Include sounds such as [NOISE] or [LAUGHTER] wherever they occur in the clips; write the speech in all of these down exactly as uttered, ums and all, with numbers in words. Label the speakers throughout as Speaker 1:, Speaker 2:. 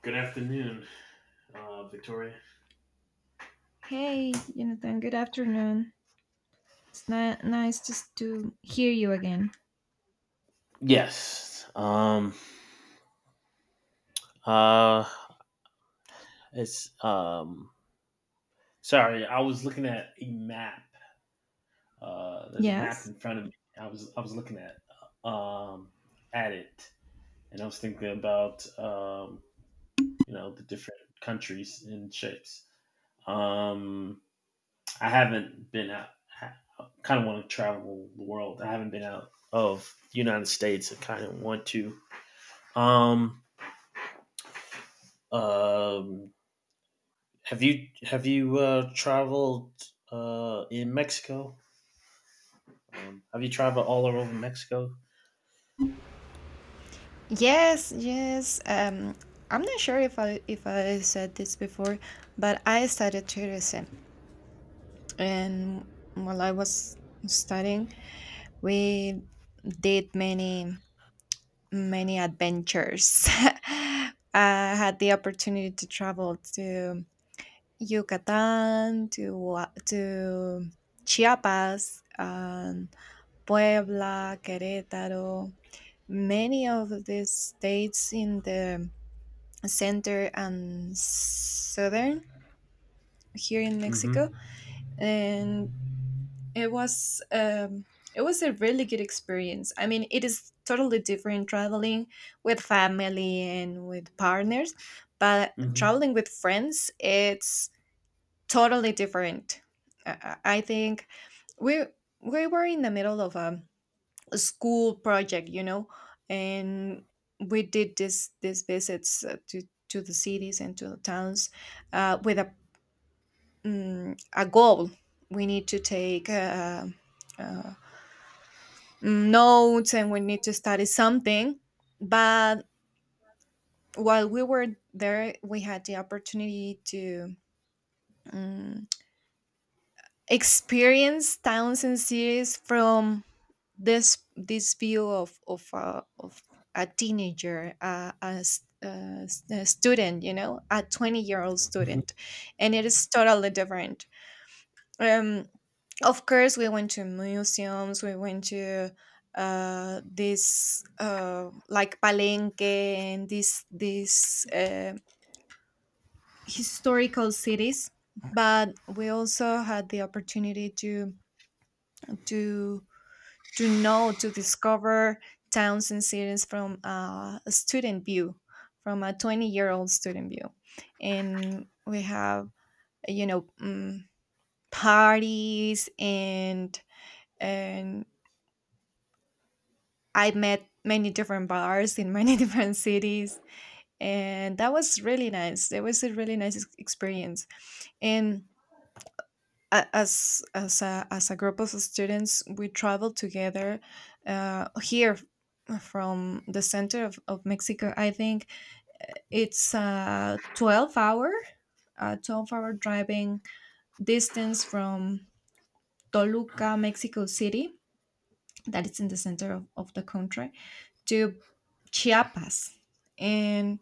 Speaker 1: Good afternoon, uh, Victoria.
Speaker 2: Hey, Jonathan, good afternoon. It's ni- nice just to hear you again.
Speaker 1: Yes. Um uh it's um Sorry, I was looking at a map. Uh there's a map
Speaker 2: Yes?
Speaker 1: in front of me. I was I was looking at um at it, and I was thinking about um you know the different countries and shapes. Um I haven't been out I kind of want to travel the world. I haven't been out of the United States. I kind of want to. Um um Have you have you uh, traveled uh, in Mexico? Um, have you traveled all over Mexico?
Speaker 2: Yes, yes. Um, I'm not sure if I if I said this before, but I studied tourism, and while I was studying, we did many many adventures. [LAUGHS] I had the opportunity to travel to Yucatan, to Gua- to Chiapas, um, Puebla, Querétaro, many of these states in the center and southern here in Mexico,
Speaker 1: Mm-hmm.
Speaker 2: and it was um, it was a really good experience. I mean, it is totally different traveling with family and with partners, but
Speaker 1: Mm-hmm.
Speaker 2: traveling with friends, it's totally different. I, I I think we we were in the middle of a school project, you know, and we did this these visits uh, to to the cities and to the towns uh, with a mm a goal. We need to take uh, uh, mm, notes and we need to study something, but while we were there we had the opportunity to um, experience towns and cities from this this view of of a, of a teenager, uh, a, s- a s- a student, you know, a twenty year old
Speaker 1: hmm
Speaker 2: student. And it is totally different. um of course we went to museums. We went to uh this uh like Palenque and these these uh, historical cities. But we also had the opportunity to to to know, to discover towns and cities from uh, a student view, from a twenty year old student view. And we have, you know, um, parties and, and I met many different bars in many [LAUGHS] different cities. And that was really nice. It was a really nice ex- experience. And a- as as a as a group of students we traveled together, uh, here f- from the center of, of Mexico. I think it's a twelve hour, a twelve hour driving distance from Toluca, Mexico City, that is in the center of, of the country, to Chiapas. And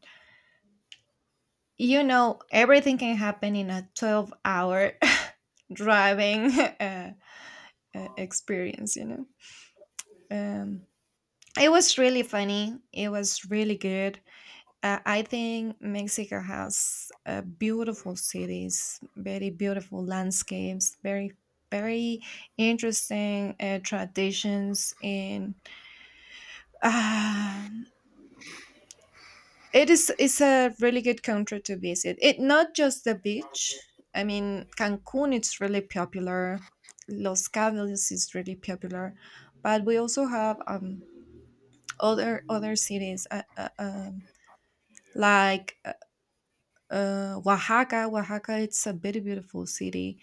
Speaker 2: you know everything can happen in a twelve hour [LAUGHS] driving [LAUGHS] uh, uh, experience, you know. Um, it was really funny. It was really good. Uh, I think Mexico has uh, beautiful cities, very beautiful landscapes, very very interesting uh, traditions, and um it is, it's a really good country to visit. It not just the beach. I mean, Cancun it's really popular. Los Cabos is really popular, but we also have um, other other cities. Uh, uh, um, Like, uh, uh, Oaxaca, Oaxaca, it's a very beautiful city,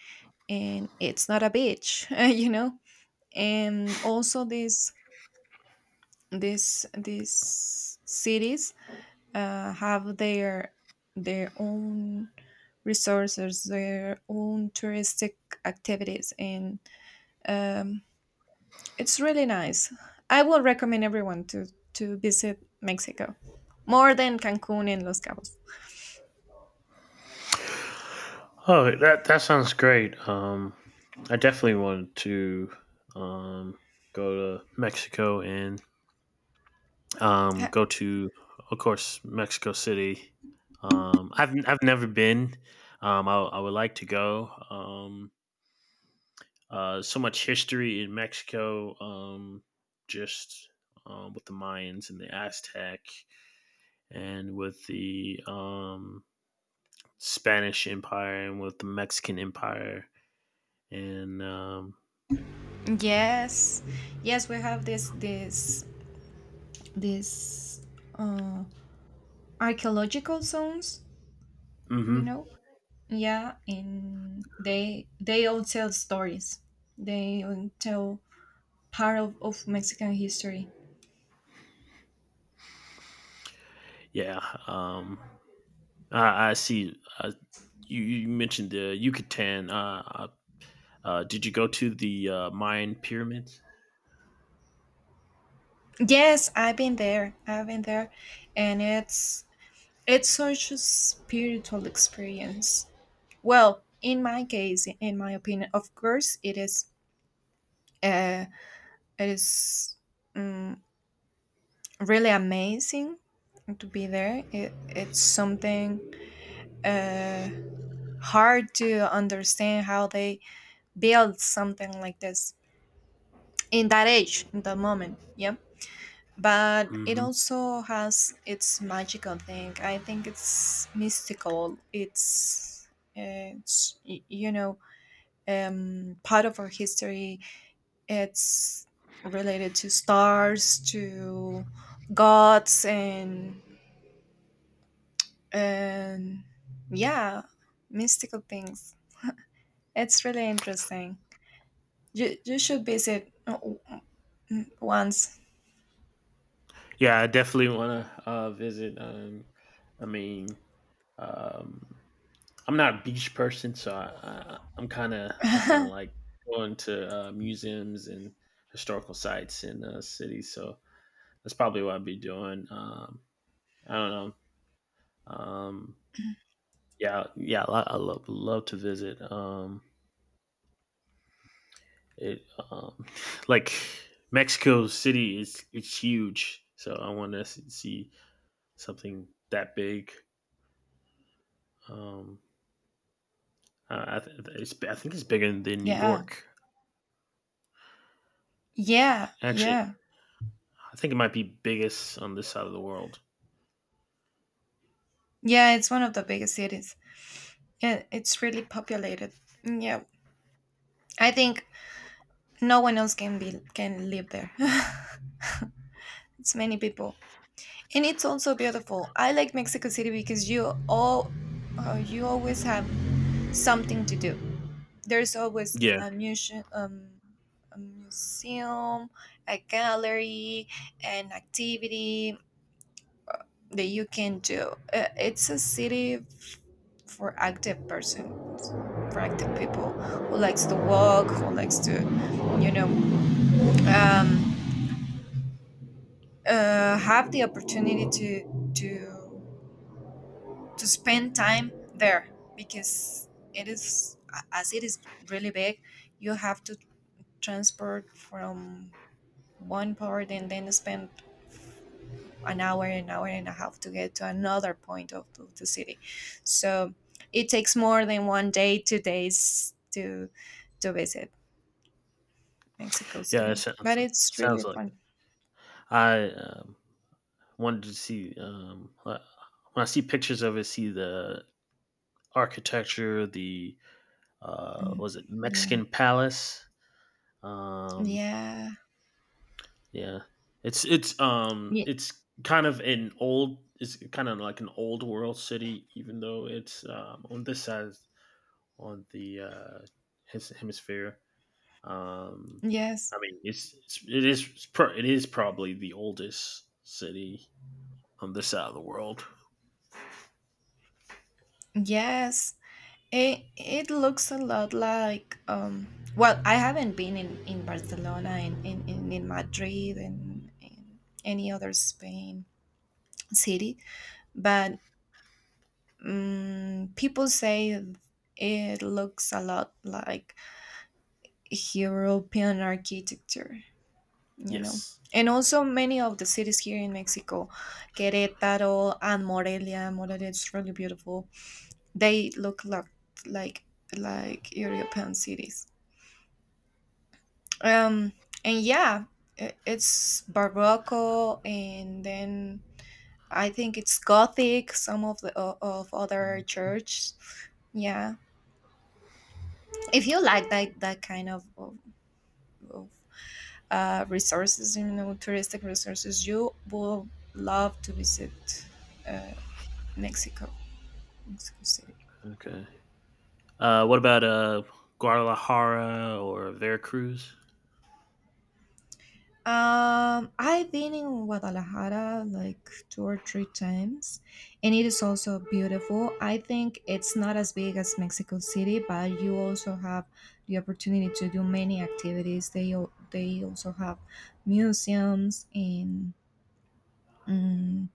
Speaker 2: and it's not a beach, [LAUGHS] you know. And also, these these these cities uh, have their their own resources, their own touristic activities, and um, it's really nice. I will recommend everyone to to visit Mexico more than Cancun and Los Cabos.
Speaker 1: Oh, that that sounds great. Um, I definitely wanted to um, go to Mexico, and um,
Speaker 2: [LAUGHS]
Speaker 1: go to, of course, Mexico City. Um, I've I've never been. Um, I, I would like to go. Um, Uh, so much history in Mexico, um, just um, with the Mayans and the Aztec, and with the um, Spanish Empire, and with the Mexican Empire, and um,
Speaker 2: Yes, yes, we have this this this uh, archaeological zones, you
Speaker 1: hmm
Speaker 2: know. Yeah, and they they all tell stories. They all tell part of, of Mexican history.
Speaker 1: yeah, um, I, I see. Uh, you, you mentioned the Yucatan. Uh, uh, uh, did you go to the uh, Mayan pyramids?
Speaker 2: Yes, I've been there. I've been there, and it's it's such a spiritual experience. Well, in my case, in my opinion, of course, it is. Uh, it is. mm, Really amazing to be there. It, it's something uh, hard to understand how they build something like this in that age, in that moment. Yeah. But it
Speaker 1: hmm
Speaker 2: also has its magical thing. I think it's mystical. It's, uh, it's y- you know, um, part of our history. It's related to stars, to gods, and and yeah, mystical things. It's really interesting. you you should visit, uh, w- w- once.
Speaker 1: Yeah, I definitely want to uh, visit. Um, I mean, um, I'm not a beach person, so I, I, I'm kind of I kind of like going to uh, museums and historical sites in uh, cities. So that's probably what I'd be doing. Um, I don't know. Um, yeah, yeah, I, I love love to visit. Um, it um, [LAUGHS] like Mexico City is it's huge, so I want to see something that big. Um, I, I, th- it's, I think it's bigger than New
Speaker 2: Yeah,
Speaker 1: York.
Speaker 2: yeah,
Speaker 1: Actually,
Speaker 2: yeah.
Speaker 1: I think it might be biggest on this side of the world.
Speaker 2: Yeah, it's one of the biggest cities. Yeah, it's really populated. Mm, yeah, I think no one else can be can live there. [LAUGHS] It's many people, and it's also beautiful. I like Mexico City because you all, uh, you always have something to do. There's always
Speaker 1: Yeah.
Speaker 2: a museum, um, a museum, a gallery, an activity that you can do. Uh, it's a city f- for active persons, for active people who likes to walk, who likes to, you know, um, uh, have the opportunity to to to spend time there, because it is, a- as it is really big, you have to transport from one part and then spend an hour, an hour and a half to get to another point of, of the city. So it takes more than one day, two days to to visit Mexico
Speaker 1: Yeah, it
Speaker 2: City, but
Speaker 1: sounds
Speaker 2: it's really
Speaker 1: sounds like
Speaker 2: fun.
Speaker 1: it. I um, wanted to see um, uh, when I see pictures of it, see the architecture, the uh,
Speaker 2: Mm,
Speaker 1: was it
Speaker 2: yeah,
Speaker 1: Mexican palace? Um,
Speaker 2: yeah.
Speaker 1: yeah, it's it's um
Speaker 2: Ye-
Speaker 1: it's kind of an old it's kind of like an old world city, even though it's um, on this side on the uh, his hemisphere. Um, I
Speaker 2: yes,
Speaker 1: mean, it's, it's it is it's pro- it is probably the oldest city on this side of the world.
Speaker 2: yes, it it looks a lot like um well, I haven't been in in Barcelona and in in, in Madrid and in any other Spain city, but Mm, people say it looks a lot like European architecture, you know.
Speaker 1: Yes.
Speaker 2: And also, many of the cities here in Mexico, Querétaro and Morelia, Morelia is really beautiful. They look like like like European cities. Um, and yeah, i- it's Barroco, and then I think it's Gothic. Some of the o- of other
Speaker 1: Mm,
Speaker 2: church, yeah. If you like that that kind of, of, of uh, resources, you know, touristic resources, you will love to visit, uh, mexico Mexico City.
Speaker 1: Okay. Uh, what about uh Guadalajara or Veracruz?
Speaker 2: um I've been in Guadalajara like two or three times, and it is also beautiful. I think it's not as big as Mexico City, but you also have the opportunity to do many activities. They al- they also have museums and mm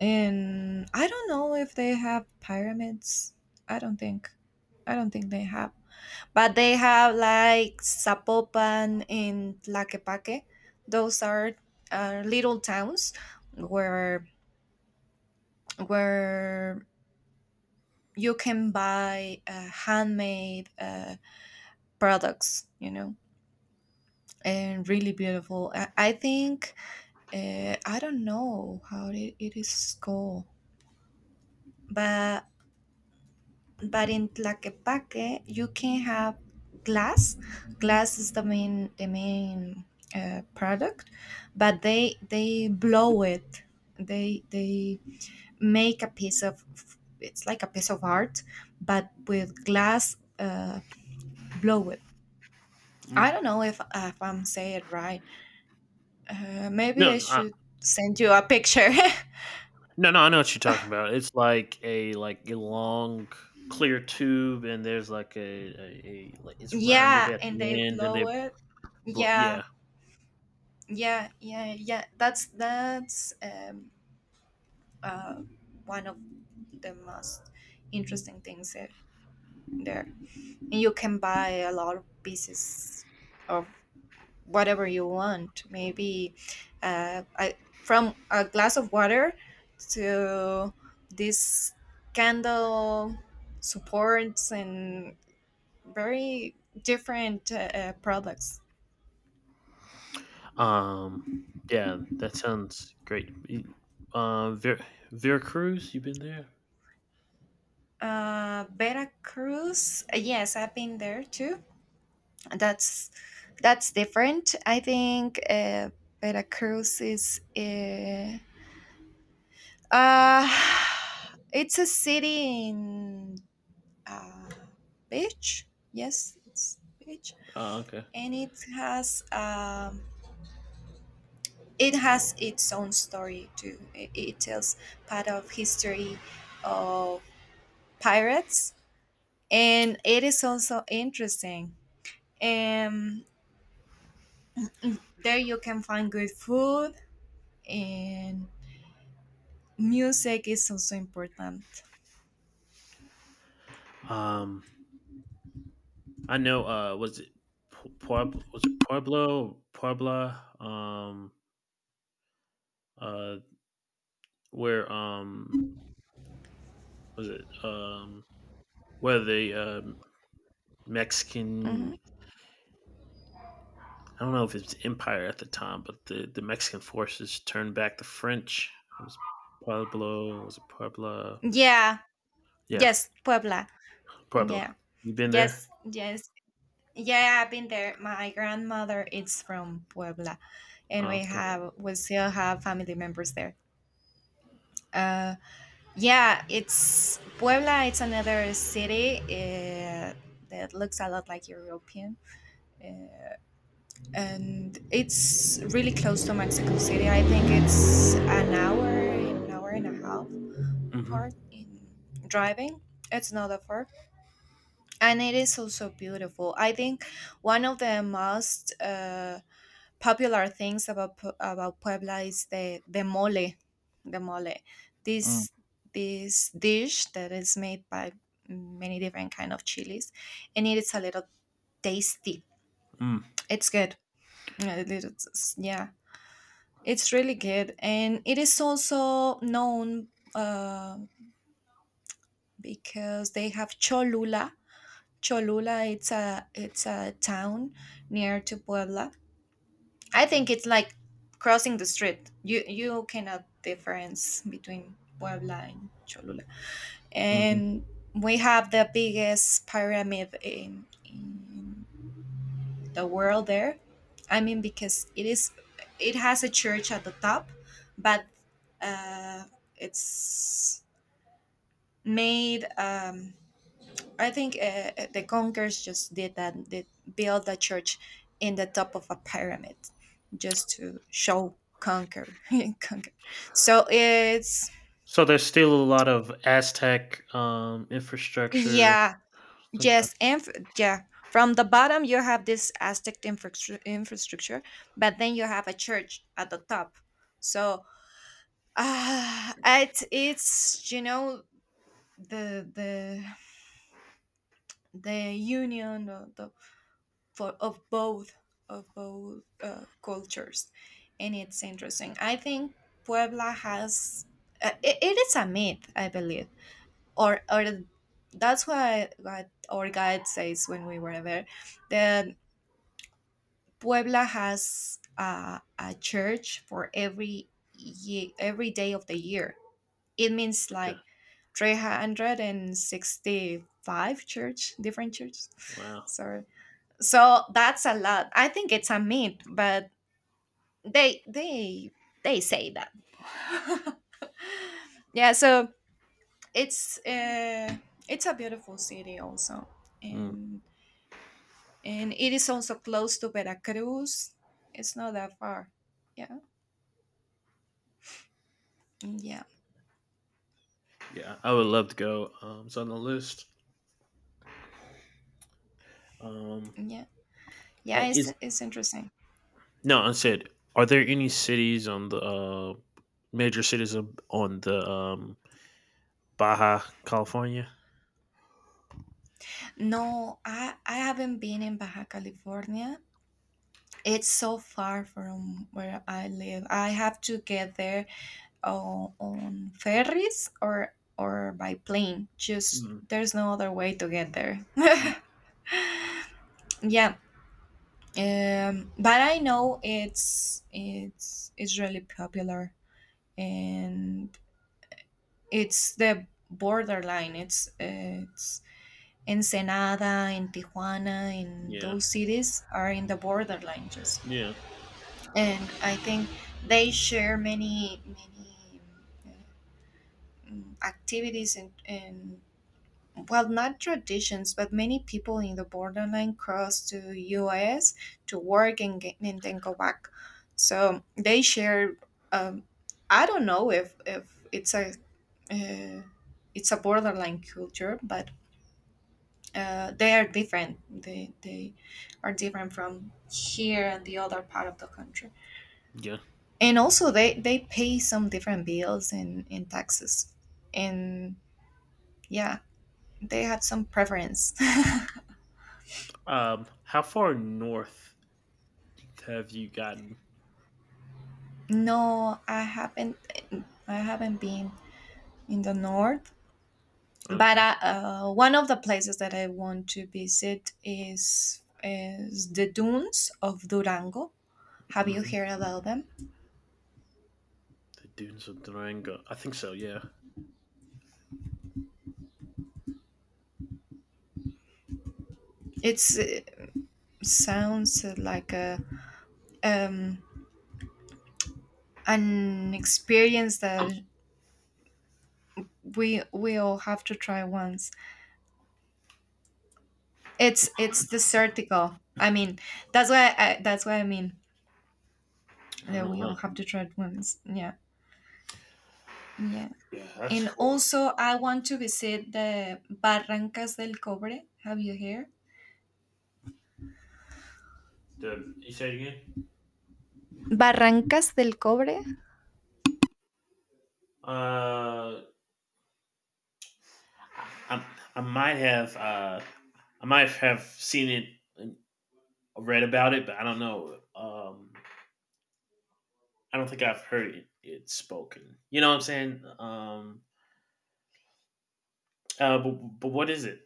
Speaker 2: and I don't know if they have pyramids. I don't think I don't think they have. But they have like Zapopan and Tlaquepaque. Those are uh, little towns where where you can buy uh, handmade uh, products, you know, and really beautiful. i, I think, uh, I don't know how it, it is called, but but in Tlaquepaque you can have glass. Glass is the main the main uh, product, but they they blow it. They they make a piece of, it's like a piece of art, but with glass, uh, blow it. I
Speaker 1: Mm.
Speaker 2: don't know if if I'm saying it right. Uh, maybe
Speaker 1: No,
Speaker 2: I
Speaker 1: no, I,
Speaker 2: should send you a picture.
Speaker 1: no, no. I know what you're talking about. It's like a like a long clear tube, and there's like a, a, a like
Speaker 2: [LAUGHS]
Speaker 1: it's rounded
Speaker 2: Yeah,
Speaker 1: at
Speaker 2: and they
Speaker 1: the end, and they
Speaker 2: blow it.
Speaker 1: blow.
Speaker 2: yeah
Speaker 1: Yeah.
Speaker 2: yeah yeah yeah that's that's um uh, one of the most interesting things there. there. And you can buy a lot of pieces of whatever you want. Maybe uh, I, from a glass of water to this candle supports and very different uh, uh, products.
Speaker 1: Um, yeah, that sounds great. Y- Uh, Ver- Veracruz, you been there?
Speaker 2: Uh, Veracruz, uh, yes, I've been there too. that's that's different. I think, uh, veracruz is uh, uh [SIGHS] it's a city in, uh, beach. Yes, it's beach.
Speaker 1: Oh, okay.
Speaker 2: And it has um it has its own story too. It, it tells part of history of pirates, and it is also interesting. um there you can find good food, and music is also important.
Speaker 1: Um, I know. Uh, was it Pu- Pueblo? Was it Pueblo? Puebla? Um, uh, where um was it um where the um Mexican?
Speaker 2: Hmm.
Speaker 1: I don't know if it's empire at the time, but the the Mexican forces turned back the French. It was Pueblo. Was it Puebla?
Speaker 2: Yeah.
Speaker 1: Yeah,
Speaker 2: Yes, Puebla.
Speaker 1: Puebla.
Speaker 2: Yeah.
Speaker 1: You been there?
Speaker 2: Yes, yes. Yeah, I've been there. My grandmother is from Puebla, and
Speaker 1: Oh,
Speaker 2: we
Speaker 1: okay.
Speaker 2: have we still have family members there. Uh yeah, it's Puebla, it's another city uh, that looks a lot like European. Uh, and it's really close to Mexico City. I think it's an hour, an hour and a half part
Speaker 1: Mhm.
Speaker 2: in driving. It's not that far. And it is also beautiful. I think one of the most uh, popular things about Pu- about Puebla is the the mole, the mole.
Speaker 1: Mm,
Speaker 2: This this dish that is made by many different kind of chilies, and it is a little tasty.
Speaker 1: mm,
Speaker 2: It's good. Yeah, it is- yeah, it's really good, and it is also known, uh, because they have cholula, Cholula. It's a, it's a town near to Puebla. I think it's like crossing the street. You you cannot difference between Puebla and Cholula.
Speaker 1: mhm.
Speaker 2: And we have the biggest pyramid in, in the world there. I mean, because it is, it has a church at the top, but uh, it's made. Um, I think, uh, uh, the Conkers just did that. They built a church in the top of a pyramid just to show conquer, [LAUGHS] conquer. So it's
Speaker 1: So there's still a lot of Aztec um, infrastructure.
Speaker 2: yeah,
Speaker 1: Okay,
Speaker 2: yes, inf- yeah. From the bottom, you have this Aztec infrastru- infrastructure, but then you have a church at the top. So uh, it's it's you know, the the the union, the, the for of both of both uh, cultures. And it's interesting. I think Puebla has, uh, it, it is a myth, I believe, or or that's why what our guide says when we were there, that Puebla has a a church for every ye- every day of the year. It means
Speaker 1: okay,
Speaker 2: like three hundred sixty-five church, different churches. [LAUGHS]
Speaker 1: wow.
Speaker 2: Sorry. So that's a lot. I think it's a myth, but they they they say that. [LAUGHS] Yeah, so it's uh, it's a beautiful city also,
Speaker 1: Mm,
Speaker 2: and and it is also close to Veracruz. It's not that far. Yeah, mm, yeah,
Speaker 1: yeah, I would love to go. Um, it's on the list. Um,
Speaker 2: yeah, yeah.
Speaker 1: uh,
Speaker 2: It's
Speaker 1: is
Speaker 2: it's interesting.
Speaker 1: no, I said, are there any cities on the uh, major cities of- on the um, Baja California?
Speaker 2: No, I I haven't been in Baja California. It's so far from where I live. I have to get there o- on ferries or or by plane. Just
Speaker 1: Mm,
Speaker 2: there's no other way to get there. [LAUGHS]
Speaker 1: mm,
Speaker 2: Yeah, um, but I know it's it's it's really popular, and it's the borderline. It's uh, it's Ensenada and Tijuana and
Speaker 1: yeah,
Speaker 2: those cities are in the borderline just
Speaker 1: yeah,
Speaker 2: and I think they share many many um, activities and, and well not traditions but many people in the borderline cross to us to work and get, and then go back, so they share um, I don't know if if it's a uh, it's a borderline culture but uh, they are different, they they are different from here and the other part of the country.
Speaker 1: yeah.
Speaker 2: And also they they pay some different bills and and taxes and yeah, they have some preference. [LAUGHS]
Speaker 1: Um, how far north have you gotten?
Speaker 2: No, I haven't. I haven't been in the north, but
Speaker 1: Okay,
Speaker 2: I, uh, one of the places that I want to visit is is the dunes of Durango. Have you
Speaker 1: mhm.
Speaker 2: heard about them?
Speaker 1: The dunes of Durango. I think so. Yeah.
Speaker 2: It's uh, sounds like a um, an experience that we we all have to try once. It's it's desertical. I mean, that's why I, that's why I mean that
Speaker 1: Oh,
Speaker 2: we all
Speaker 1: wow.
Speaker 2: have to try it once. Yeah, yeah.
Speaker 1: Yeah, that's
Speaker 2: And
Speaker 1: cool.
Speaker 2: also, I want to visit the Barrancas del Cobre. Have you heard?
Speaker 1: The you say it again?
Speaker 2: Barrancas del Cobre?
Speaker 1: Uh, I, I might have uh, I might have seen it and read about it, but I don't know. Um, I don't think I've heard it, it spoken. You know what I'm saying? Um, uh, but, but what is it?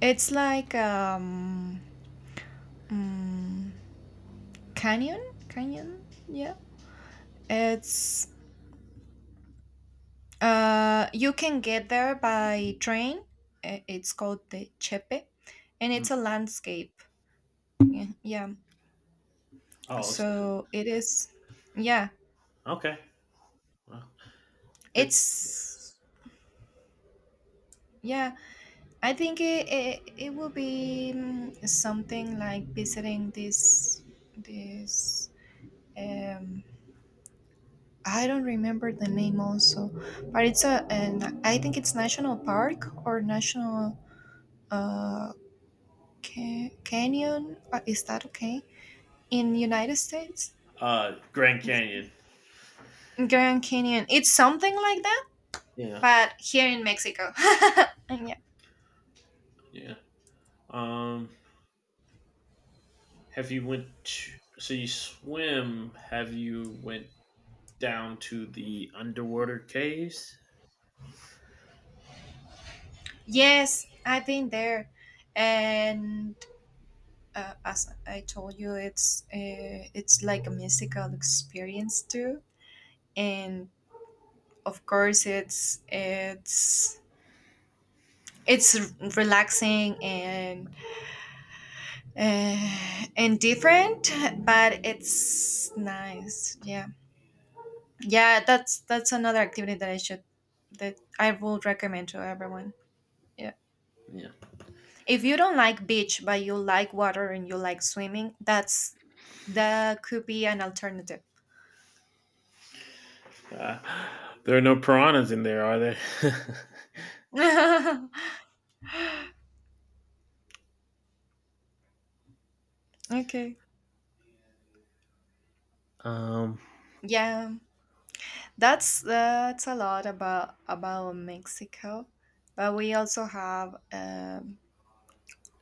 Speaker 2: It's like um, mm, canyon, canyon. Yeah, it's uh, you can get there by train. I- It's called the Chepe, and
Speaker 1: Hmm.
Speaker 2: it's a landscape. Yeah, yeah.
Speaker 1: Oh, it's-
Speaker 2: So it is. Yeah,
Speaker 1: okay. Well, it's
Speaker 2: it's yeah. I think it, it, it will be mm, something like visiting this this um I don't remember the name also, but it's a an I think it's national park or national uh ca- canyon. Uh, Is that okay in United States?
Speaker 1: uh Grand
Speaker 2: It's
Speaker 1: Canyon.
Speaker 2: Grand Canyon. It's something like that,
Speaker 1: Yeah,
Speaker 2: but here in Mexico. [LAUGHS] And yeah,
Speaker 1: yeah. Um, have you went? To, so you swim? Have you went down to the underwater caves?
Speaker 2: yes, I've been there, and uh, as I told you, it's uh, it's like a mystical experience too, and of course, it's it's it's relaxing and uh, and different, but it's nice. Yeah, yeah. That's that's another activity that I should that I would recommend to everyone. Yeah,
Speaker 1: Yeah.
Speaker 2: if you don't like beach but you like water and you like swimming, that's that could be an alternative.
Speaker 1: Uh, there are no piranhas in there, are there?
Speaker 2: [LAUGHS] Okay.
Speaker 1: [LAUGHS] um,
Speaker 2: Yeah, that's that's a lot about about Mexico, but we also have um,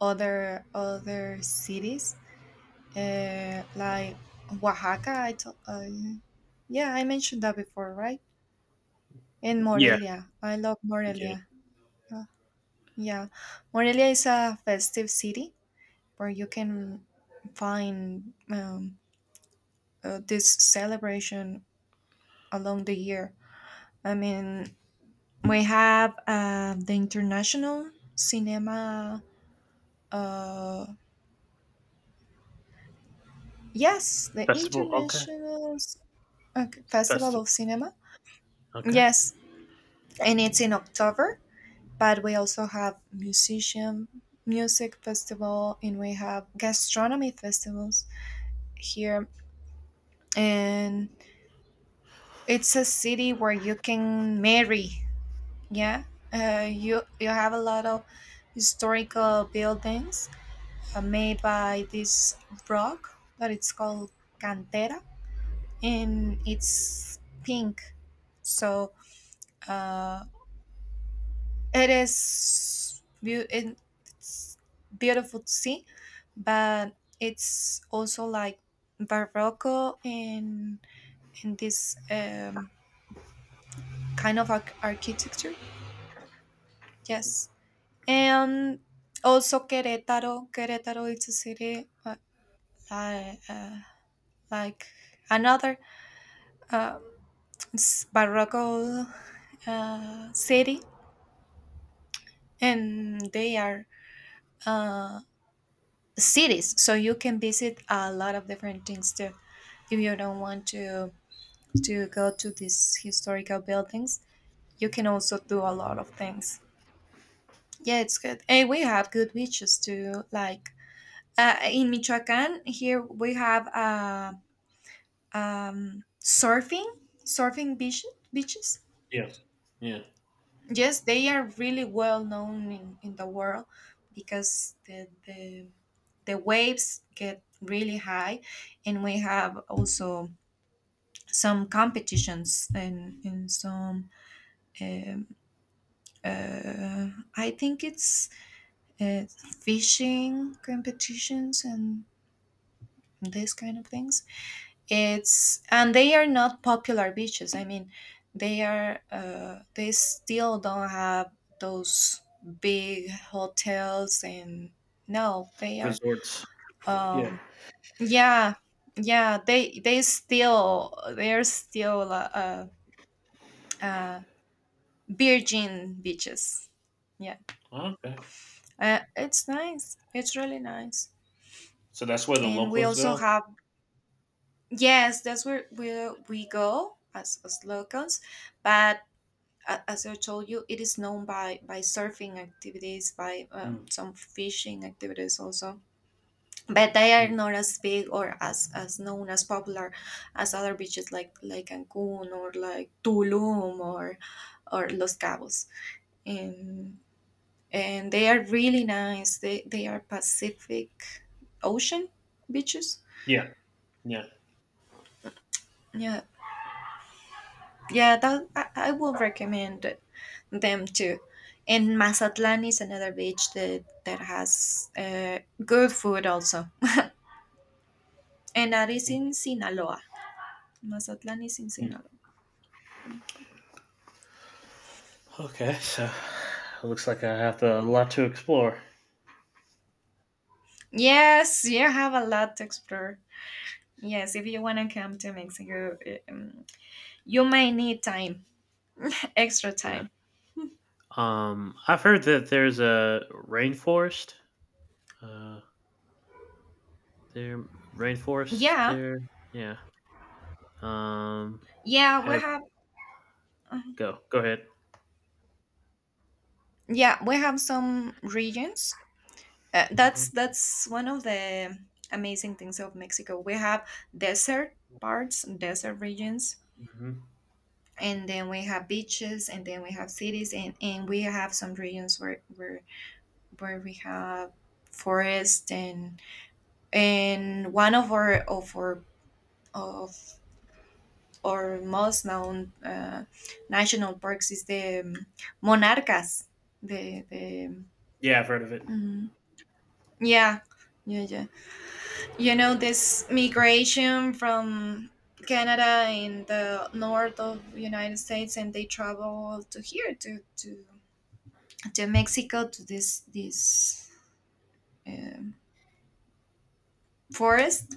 Speaker 2: other other cities uh, like Oaxaca. I to- I- yeah, I mentioned that before, right? And
Speaker 1: yeah,
Speaker 2: Morelia. I love
Speaker 1: yeah.
Speaker 2: Morelia. Uh, yeah, Morelia is a festive city where you can find um, uh, this celebration along the year. I mean, we have uh, the international cinema. Uh, yes, the
Speaker 1: Festival, okay.
Speaker 2: international s- uh, festival of
Speaker 1: Festival,
Speaker 2: cinema.
Speaker 1: okay.
Speaker 2: Yes, and it's in October. But we also have musician music festival, and we have gastronomy festivals here. And it's a city where you can marry. Yeah, uh, you you have a lot of historical buildings uh, made by this rock that it's called cantera, and it's pink, so uh, it is beau- it- it's beautiful to see, but it's also like barroco in in this um, kind of arch- architecture, yes. And also querétaro querétaro, it's a city uh, li- uh, like another um, Sparrow uh, City, and they are uh, cities, so you can visit a lot of different things too. If you don't want to to go to these historical buildings, you can also do a lot of things. Yeah, it's good, and we have good beaches too. Like uh, in Michoacan, here we have uh, um, surfing, surfing beach, beaches.
Speaker 1: Yes, yeah.
Speaker 2: Yes, they are really well known in, in the world because the, the the waves get really high, and we have also some competitions in in some. Um, uh, I think it's uh, fishing competitions and this kind of things. It's and they are not popular beaches. I mean, they are uh, they still don't have those big hotels and no, they are
Speaker 1: Resorts, yeah.
Speaker 2: um yeah, yeah, they they still they're still uh, uh uh, virgin beaches. Yeah,
Speaker 1: Okay.
Speaker 2: uh, it's nice. It's really nice,
Speaker 1: So that's where the
Speaker 2: and we
Speaker 1: locals
Speaker 2: also
Speaker 1: go.
Speaker 2: have yes, that's where we we go as as locals, but a- as I told you, it is known by by surfing activities, by um,
Speaker 1: Mm.
Speaker 2: some fishing activities also. But they are
Speaker 1: Hmm.
Speaker 2: not as big or as as known as popular as other beaches like like Cancun or like Tulum or or Los Cabos. And and they are really nice. They they are Pacific Ocean beaches.
Speaker 1: Yeah, yeah.
Speaker 2: Yeah, yeah, that I, I would recommend them too. And Mazatlan is another beach that that has uh, good food also, [LAUGHS] and that is in Sinaloa. Mazatlan is in
Speaker 1: Mm.
Speaker 2: Sinaloa.
Speaker 1: Okay, so it looks like I have to, a lot to explore.
Speaker 2: Yes, you have a lot to explore. Yes, if you want to come to Mexico, um, you may need time, [LAUGHS] extra
Speaker 1: Yeah.
Speaker 2: time.
Speaker 1: Um, I've heard that there's a rainforest. Uh, there rainforest
Speaker 2: Yeah,
Speaker 1: there. Yeah. Um,
Speaker 2: yeah, we
Speaker 1: have
Speaker 2: have. Uh-huh.
Speaker 1: go go ahead.
Speaker 2: Yeah, we have some regions. Uh, that's
Speaker 1: Mhm,
Speaker 2: that's one of the amazing things of Mexico. We have desert parts, desert regions,
Speaker 1: mhm.
Speaker 2: and then we have beaches, and then we have cities, and and we have some regions where, where where we have forest, and and one of our of our of our most known uh, national parks is the um, Monarcas, the the
Speaker 1: Yeah, I've heard of it.
Speaker 2: mm, yeah, yeah, yeah, you know, this migration from Canada in the north of United States, and they travel to here to to, to Mexico, to this this um forest,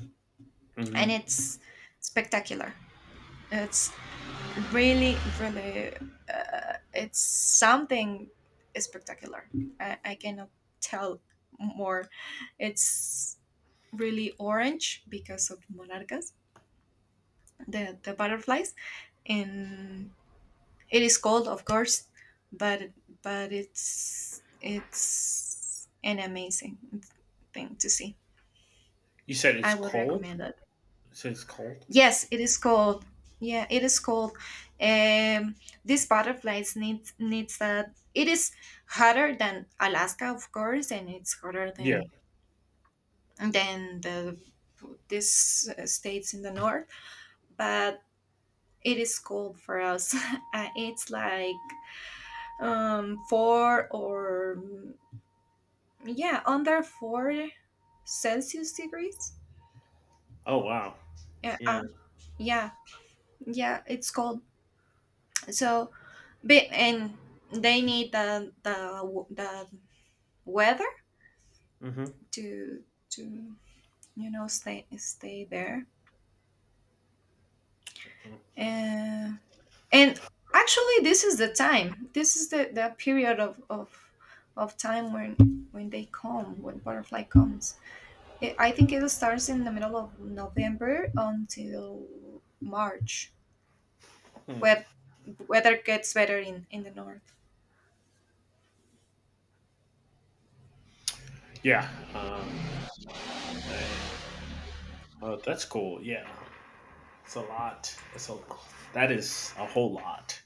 Speaker 2: and
Speaker 1: Mhm.
Speaker 2: it's spectacular. It's really, really uh, it's something spectacular. I, I cannot tell more. It's really orange because of monarchas, the the butterflies. And it is cold, of course, but but it's it's an amazing thing to see.
Speaker 1: You said
Speaker 2: I
Speaker 1: it's
Speaker 2: would
Speaker 1: cold?
Speaker 2: recommend it.
Speaker 1: You said it's cold?
Speaker 2: Yes, it is cold. Yeah, it is cold. Um, these butterflies need needs that. It is hotter than Alaska, of course, and it's hotter
Speaker 1: Yeah.
Speaker 2: than than the these uh, states in the north. But it is cold for us. [LAUGHS] Uh, it's like um, four or yeah, under four celsius degrees,
Speaker 1: Oh, wow.
Speaker 2: yeah, uh,
Speaker 1: Yeah.
Speaker 2: yeah, yeah, it's cold, so but and they need the the w- the weather
Speaker 1: Mhm.
Speaker 2: to to you know, stay stay there.
Speaker 1: Mm,
Speaker 2: and and actually this is the time, this is the the period of of of time when when they come, when butterfly comes. It, I think it starts in the middle of November until March.
Speaker 1: hmm.
Speaker 2: Wet weather gets better in in the north.
Speaker 1: Yeah, uh, man. Oh, that's cool, yeah. It's a lot. It's a That is a whole lot.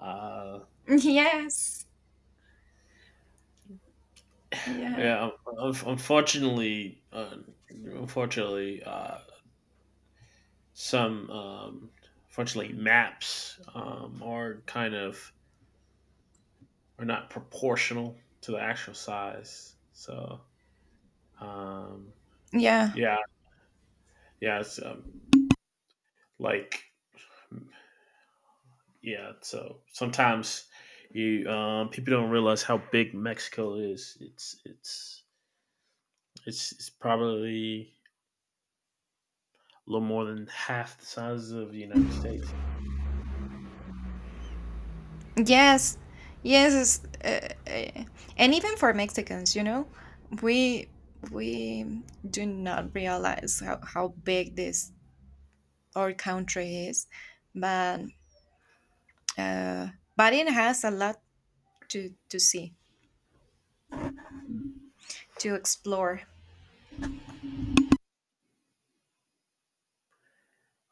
Speaker 1: Uh,
Speaker 2: Yes. Yeah.
Speaker 1: yeah, un unfortunately, uh, unfortunately, uh, some, um unfortunately, maps, um, are kind of are not proportional to the actual size, so Um,
Speaker 2: Yeah.
Speaker 1: yeah, yeah, it's um, like yeah. So sometimes you um, people don't realize how big Mexico is. It's it's it's it's probably a little more than half the size of the United States.
Speaker 2: Yes. Yes. It's, Uh, uh, and even for Mexicans, you know, we we do not realize how how big this our country is, but uh, but it has a lot to to see, to explore.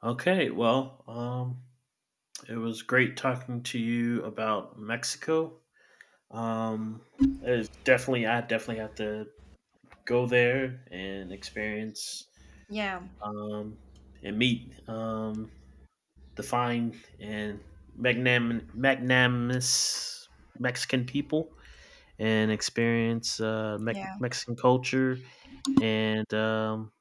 Speaker 1: Okay, well, um, it was great talking to you about Mexico. Um, it's definitely I definitely have to go there and experience
Speaker 2: Yeah.
Speaker 1: um, and meet um, the fine and magnanim- magnanimous Mexican people and experience uh, Mex
Speaker 2: Yeah.
Speaker 1: Mexican culture and um,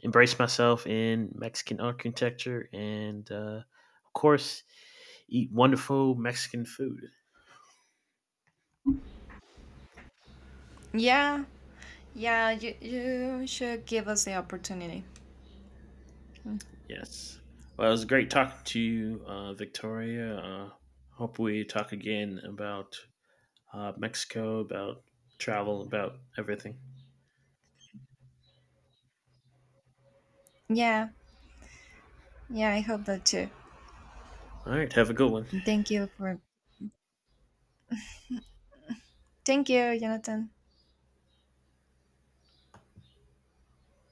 Speaker 1: embrace myself in Mexican architecture and, uh, of course, eat wonderful Mexican food.
Speaker 2: Yeah. Yeah. You you should give us the opportunity. Mm.
Speaker 1: Yes. Well, it was great talking to you, uh, Victoria. Uh, hope we talk again about uh, Mexico, about travel, about everything.
Speaker 2: Yeah. Yeah, I hope that too.
Speaker 1: All right. Have a good one.
Speaker 2: And thank you for thank you, Jonathan.